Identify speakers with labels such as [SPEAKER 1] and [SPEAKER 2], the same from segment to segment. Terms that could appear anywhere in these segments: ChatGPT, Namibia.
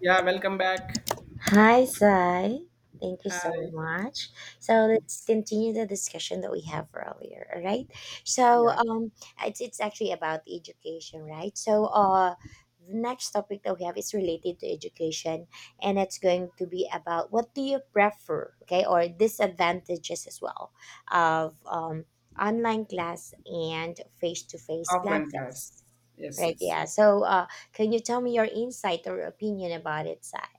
[SPEAKER 1] Yeah, welcome back.
[SPEAKER 2] Hi, Zai. Thank you so
[SPEAKER 1] Hi.
[SPEAKER 2] much. So let's continue the discussion that we have earlier. All right. So
[SPEAKER 1] Yeah,
[SPEAKER 2] um, it's actually about education, right? The next topic that we have is related to education, and it's going to be about what do you prefer, okay, or disadvantages as well of online class and face to face
[SPEAKER 1] offline class.
[SPEAKER 2] classes.
[SPEAKER 1] Yes,
[SPEAKER 2] Right.
[SPEAKER 1] yes.
[SPEAKER 2] Yeah. Can you tell me your insight or opinion about it, Zai?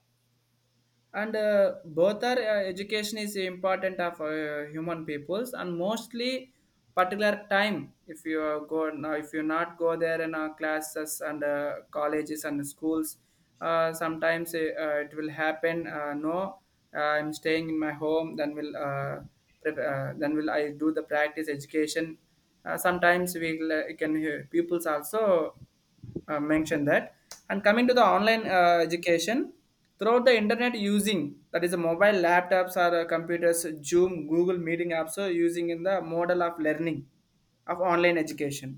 [SPEAKER 1] And both are education is important of human peoples and mostly particular time if you are go now if you not go there in our classes and colleges and schools sometimes it will happen no I'm staying in my home then will then will I do the practice education sometimes we will, can hear pupils also mentioned that. And coming to the online education throughout the internet using, that is a mobile laptops or computers, Zoom, Google meeting apps are using in the model of learning of online education.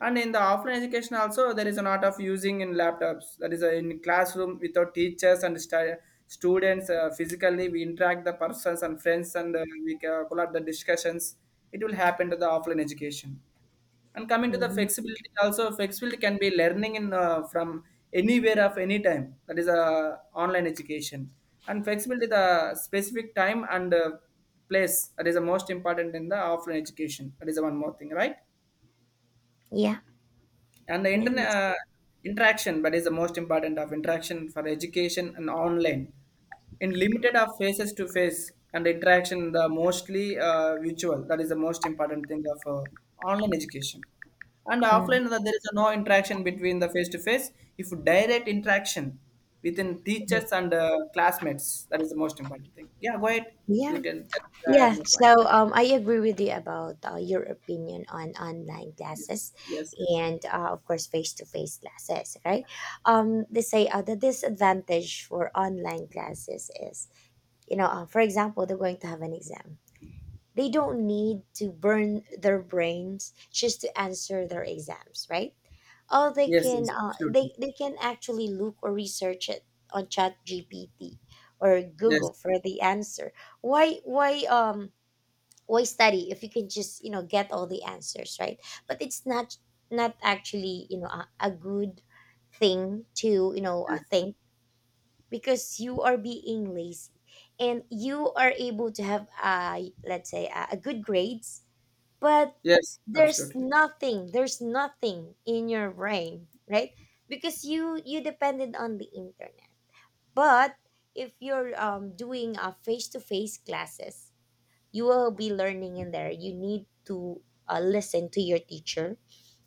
[SPEAKER 1] And in the offline education also, there is an art of using in laptops, that is in classroom without teachers and students, physically we interact the persons and friends, and we pull up the discussions. It will happen to the offline education. And coming to the flexibility, also flexibility can be learning in from anywhere of any time. That is online education. And flexibility, the specific time and place. That is the most important in the offline education. That is the one more thing, right?
[SPEAKER 2] Yeah,
[SPEAKER 1] And the
[SPEAKER 2] yeah,
[SPEAKER 1] internet
[SPEAKER 2] that's
[SPEAKER 1] interaction, but is the most important of interaction for education and online. In limited of faces to face and interaction, the mostly virtual. That is the most important thing of online education. And
[SPEAKER 2] mm,
[SPEAKER 1] offline, there is no interaction between the face to face. If direct interaction within
[SPEAKER 2] mhm,
[SPEAKER 1] teachers and classmates, that is the most important thing. Yeah, go ahead.
[SPEAKER 2] yeah,
[SPEAKER 1] You tell. Tell
[SPEAKER 2] yeah.
[SPEAKER 1] my point.
[SPEAKER 2] I agree with you about your opinion on online
[SPEAKER 1] Yes,
[SPEAKER 2] classes,
[SPEAKER 1] yes, yes,
[SPEAKER 2] and of course face to face classes, right? They say the disadvantage for online classes is, for example, they're going to have an exam. They don't need to burn their brains just to answer their exams, right? Oh,
[SPEAKER 1] yes, yes, absolutely.
[SPEAKER 2] they can actually look or research it on Chat GPT or
[SPEAKER 1] Yes,
[SPEAKER 2] Google for the answer. Why why um why study if you can just, you know, get all the answers, right? But it's not actually, you know, a good thing to,
[SPEAKER 1] yes,
[SPEAKER 2] think, because you are being lazy and you are able to have uh, let's say a good grades, but
[SPEAKER 1] yes,
[SPEAKER 2] there's
[SPEAKER 1] absolutely.
[SPEAKER 2] nothing there's nothing in your brain, right? Because you depended on the internet. But if you're doing a face-to-face classes, you will be learning in there. You need to listen to your teacher.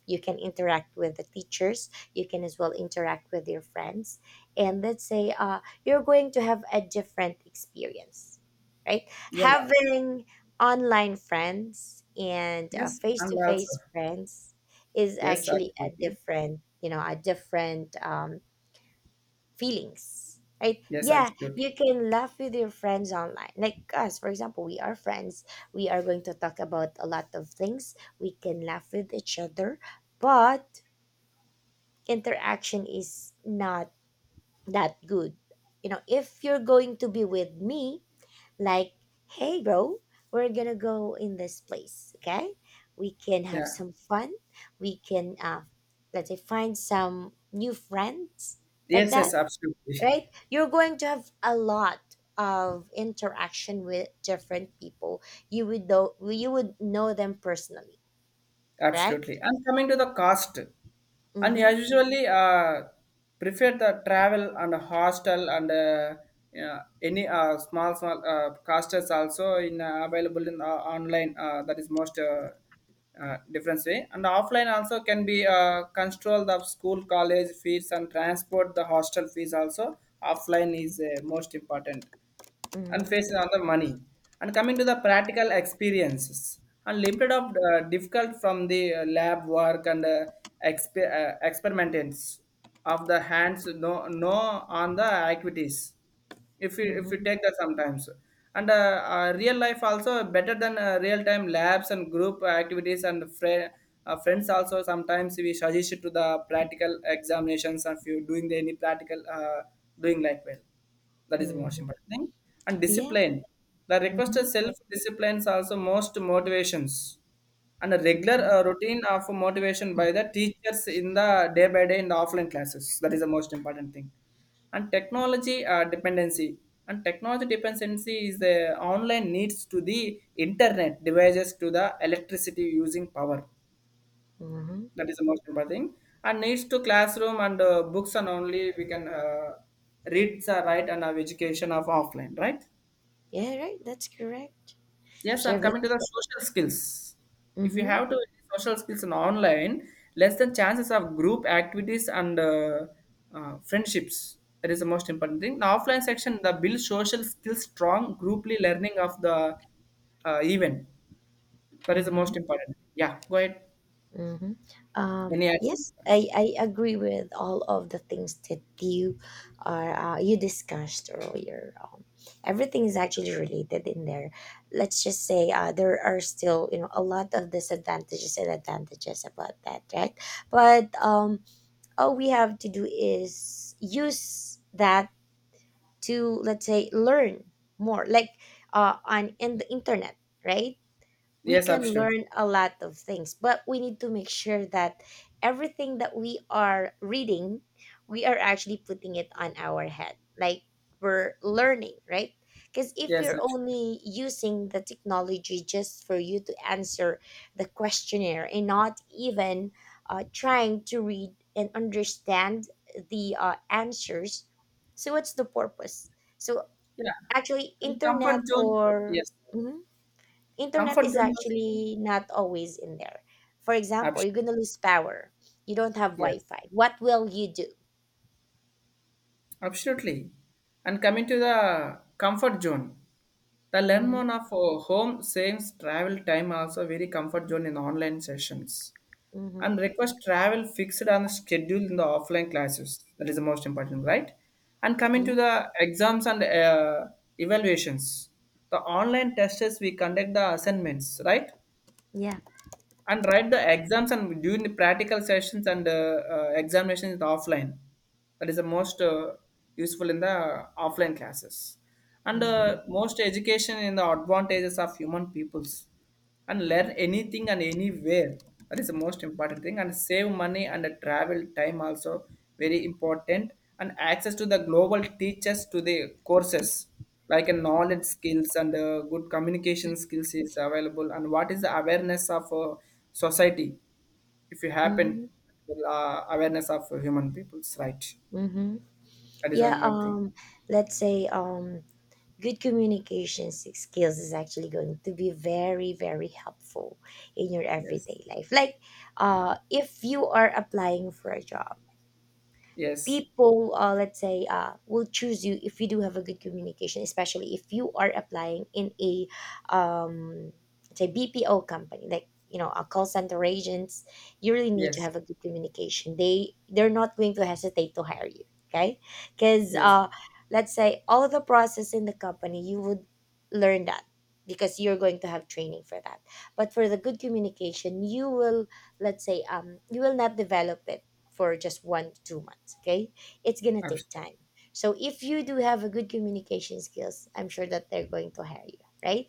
[SPEAKER 2] You can interact with the teachers. You can as well interact with your friends. And let's say you're going to have a different experience, right?
[SPEAKER 1] Yeah.
[SPEAKER 2] Having online friends and
[SPEAKER 1] Yes,
[SPEAKER 2] face
[SPEAKER 1] I'm
[SPEAKER 2] to
[SPEAKER 1] louder.
[SPEAKER 2] face friends is
[SPEAKER 1] Yes,
[SPEAKER 2] actually a
[SPEAKER 1] absolutely.
[SPEAKER 2] different, you know, a different feelings, right?
[SPEAKER 1] Yes,
[SPEAKER 2] Yeah,
[SPEAKER 1] absolutely.
[SPEAKER 2] you can laugh with your friends online. Like us, for example, we are friends, we are going to talk about a lot of things, we can laugh with each other. But interaction is not that good. You know, if you're going to be with me, like, hey bro, we're gonna go in this place, okay, we can have
[SPEAKER 1] Yeah.
[SPEAKER 2] some fun, we can let's say find some new friends, like
[SPEAKER 1] Yes,
[SPEAKER 2] that,
[SPEAKER 1] yes, absolutely.
[SPEAKER 2] right? You're going to have a lot of interaction with different people. You would know them personally,
[SPEAKER 1] Absolutely.
[SPEAKER 2] correct?
[SPEAKER 1] And coming to the cost, and
[SPEAKER 2] Mm-hmm.
[SPEAKER 1] I usually prefer the travel and hostel and yeah, any small small casters also in available in online. That is most difference way. And offline also can be control the school college fees and transport the hostel fees also. Offline is most important and facing on
[SPEAKER 2] Mm-hmm.
[SPEAKER 1] the money, and coming to the practical experiences and limited of difficult from the lab work and experiments of the hands, no no, on the activities if you
[SPEAKER 2] Mm-hmm.
[SPEAKER 1] take that sometimes, and real life also better than real time labs and group activities and friends also sometimes we suggest to the practical examinations if you doing the any practical doing like well, that is the most
[SPEAKER 2] Mm-hmm.
[SPEAKER 1] important thing. And
[SPEAKER 2] Yeah.
[SPEAKER 1] discipline. The requested
[SPEAKER 2] Mm-hmm.
[SPEAKER 1] self-disciplines also most motivations and a regular
[SPEAKER 2] Mm-hmm.
[SPEAKER 1] routine of motivation by the teachers in the day by day in the offline classes. That is the most important thing. And technology dependency, and technology dependency is the online needs to the internet devices to the electricity using power.
[SPEAKER 2] Mm-hmm.
[SPEAKER 1] That is the most important thing. And needs to classroom and books, and only we can read the right and have education of offline, right?
[SPEAKER 2] Yeah, right. That's correct.
[SPEAKER 1] Yes, and
[SPEAKER 2] Share it.
[SPEAKER 1] coming to the social skills. If you
[SPEAKER 2] Mm-hmm.
[SPEAKER 1] have to social skills in online, less than chances of group activities and friendships. That is the most important thing. The offline section, the build social skills strong grouply learning of the event. That is the
[SPEAKER 2] Mm-hmm.
[SPEAKER 1] most important. Yeah, go ahead.
[SPEAKER 2] Hmm.
[SPEAKER 1] Any action
[SPEAKER 2] Yes, I,
[SPEAKER 1] points?
[SPEAKER 2] I agree with all of the things that you discussed earlier. Everything is actually related in there. Let's just say there are still, you know, a lot of disadvantages and advantages about that, right? But all we have to do is use that to let's say learn more, like, on in the internet, right? We
[SPEAKER 1] Yes,
[SPEAKER 2] can
[SPEAKER 1] absolutely.
[SPEAKER 2] learn a lot of things, but we need to make sure that everything that we are reading, we are actually putting it on our head, like, we're learning, right? Because if
[SPEAKER 1] Yes,
[SPEAKER 2] you're
[SPEAKER 1] absolutely.
[SPEAKER 2] only using the technology just for you to answer the questionnaire and not even trying to read and understand the answers, so what's the purpose? So
[SPEAKER 1] Yeah.
[SPEAKER 2] actually
[SPEAKER 1] And
[SPEAKER 2] internet
[SPEAKER 1] comfort zone,
[SPEAKER 2] or
[SPEAKER 1] yes.
[SPEAKER 2] Mhm. Internet
[SPEAKER 1] Comfort
[SPEAKER 2] is
[SPEAKER 1] zone was,
[SPEAKER 2] actually not always in there. For example,
[SPEAKER 1] abs-
[SPEAKER 2] you're gonna lose power. You don't have
[SPEAKER 1] yes,
[SPEAKER 2] Wi-Fi. What will you do?
[SPEAKER 1] absolutely. And coming to the comfort zone, the learn
[SPEAKER 2] Mm-hmm.
[SPEAKER 1] more of home saves travel time also, very comfort zone in online sessions,
[SPEAKER 2] Mm-hmm.
[SPEAKER 1] and request travel fixed on schedule in the offline classes. That is the most important, right? And coming to
[SPEAKER 2] Yeah.
[SPEAKER 1] the exams and evaluations, the online tests we conduct the assignments, right?
[SPEAKER 2] Yeah.
[SPEAKER 1] And write the exams and during the practical sessions and examinations in the offline, that is the most useful in the offline classes and
[SPEAKER 2] Mm-hmm.
[SPEAKER 1] most education in the advantages of human peoples, and learn anything and anywhere. That is the most important thing, and save money and travel time also very important, and access to the global teachers to the courses like a knowledge skills and good communication skills is available, and what is the awareness of society if you happen
[SPEAKER 2] Mm-hmm.
[SPEAKER 1] awareness of human people's right.
[SPEAKER 2] Mm-hmm.
[SPEAKER 1] That is
[SPEAKER 2] Yeah.
[SPEAKER 1] one more thing.
[SPEAKER 2] Let's say. Good communication skills is actually going to be very, very helpful in your
[SPEAKER 1] Yes,
[SPEAKER 2] everyday life. Like,
[SPEAKER 1] yeah.
[SPEAKER 2] if you are applying for a job,
[SPEAKER 1] Yes,
[SPEAKER 2] people let's say will choose you if you do have a good communication, especially if you are applying in a um say bpo company, like, you know, a call center agents. You really need to
[SPEAKER 1] yes,
[SPEAKER 2] have a good communication. They're not going to hesitate to hire you, okay? Because
[SPEAKER 1] yes,
[SPEAKER 2] let's say all the process in the company, you would learn that, because you're going to have training for that. But for the good communication you will, let's say you will not develop it for just 1 to 2 months, okay? It's gonna take
[SPEAKER 1] absolutely.
[SPEAKER 2] time. So if you do have a good communication skills, I'm sure that they're going to hire you, right?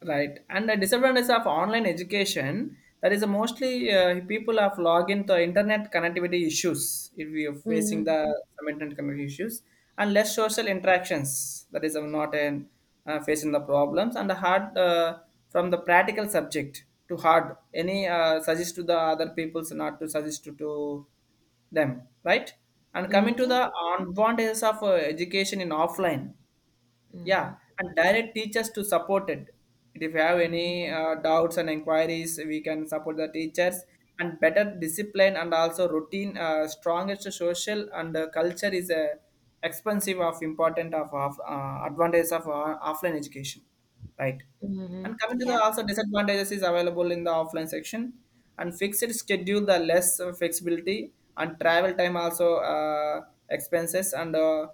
[SPEAKER 1] Right, and the disadvantage of online education, that is mostly people have login to internet connectivity issues. If we are facing
[SPEAKER 2] Mm-hmm.
[SPEAKER 1] the some internet connectivity issues and less social interactions, that is not an facing the problems, and the hard from the practical subject to hard any suggest to the other people's not to suggest to them, right? And
[SPEAKER 2] Mm-hmm.
[SPEAKER 1] coming to
[SPEAKER 2] Yeah.
[SPEAKER 1] the advantages of education in offline,
[SPEAKER 2] Mm-hmm.
[SPEAKER 1] yeah, and direct teachers to support it. If you have any
[SPEAKER 2] Mm-hmm.
[SPEAKER 1] doubts and inquiries, we can support the teachers, and better discipline and also routine. Strongest social and culture is expensive of important of advantage of offline education, right?
[SPEAKER 2] Mm-hmm.
[SPEAKER 1] And coming to the
[SPEAKER 2] Yeah.
[SPEAKER 1] also disadvantages is available in the offline section, and fixed schedule, the less flexibility, and travel time also expenses, and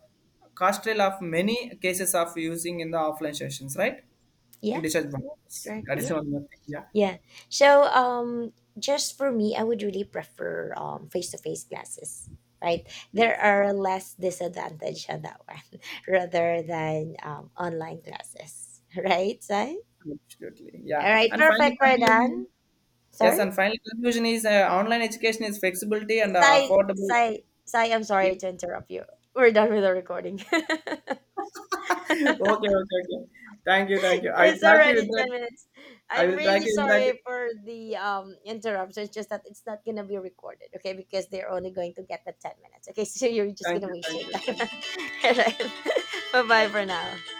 [SPEAKER 1] Castrel of many cases of using in the offline sessions, right? In
[SPEAKER 2] Yeah, that's
[SPEAKER 1] disadvantages.
[SPEAKER 2] correct.
[SPEAKER 1] That is
[SPEAKER 2] Yeah.
[SPEAKER 1] one more thing. Yeah,
[SPEAKER 2] Yeah. So just for me, I would really prefer face-to-face classes, right? There are less disadvantage on that one, rather than online classes. Right, Sai?
[SPEAKER 1] absolutely. Yeah,
[SPEAKER 2] All right,
[SPEAKER 1] and finally,
[SPEAKER 2] perfect, we're done.
[SPEAKER 1] conclusion. Yes,
[SPEAKER 2] Sorry.
[SPEAKER 1] and finally, conclusion is online education is flexibility and
[SPEAKER 2] Sai,
[SPEAKER 1] affordable.
[SPEAKER 2] Sai, Sai, I'm
[SPEAKER 1] Yeah.
[SPEAKER 2] sorry to interrupt you. We're done with the recording.
[SPEAKER 1] Okay, okay, okay. Thank you, thank you. I will
[SPEAKER 2] It's
[SPEAKER 1] try to
[SPEAKER 2] already 10
[SPEAKER 1] interact.
[SPEAKER 2] minutes.
[SPEAKER 1] I
[SPEAKER 2] I'm
[SPEAKER 1] will try
[SPEAKER 2] really
[SPEAKER 1] you, interact.
[SPEAKER 2] sorry for the interruption. It's just that it's not going to be recorded, okay? Because they're only going to get the 10 minutes, okay? So you're just
[SPEAKER 1] Thank
[SPEAKER 2] going to
[SPEAKER 1] you,
[SPEAKER 2] waste
[SPEAKER 1] thank
[SPEAKER 2] your
[SPEAKER 1] you,
[SPEAKER 2] time.
[SPEAKER 1] thank you.
[SPEAKER 2] All right. Bye bye
[SPEAKER 1] Bye.
[SPEAKER 2] for now.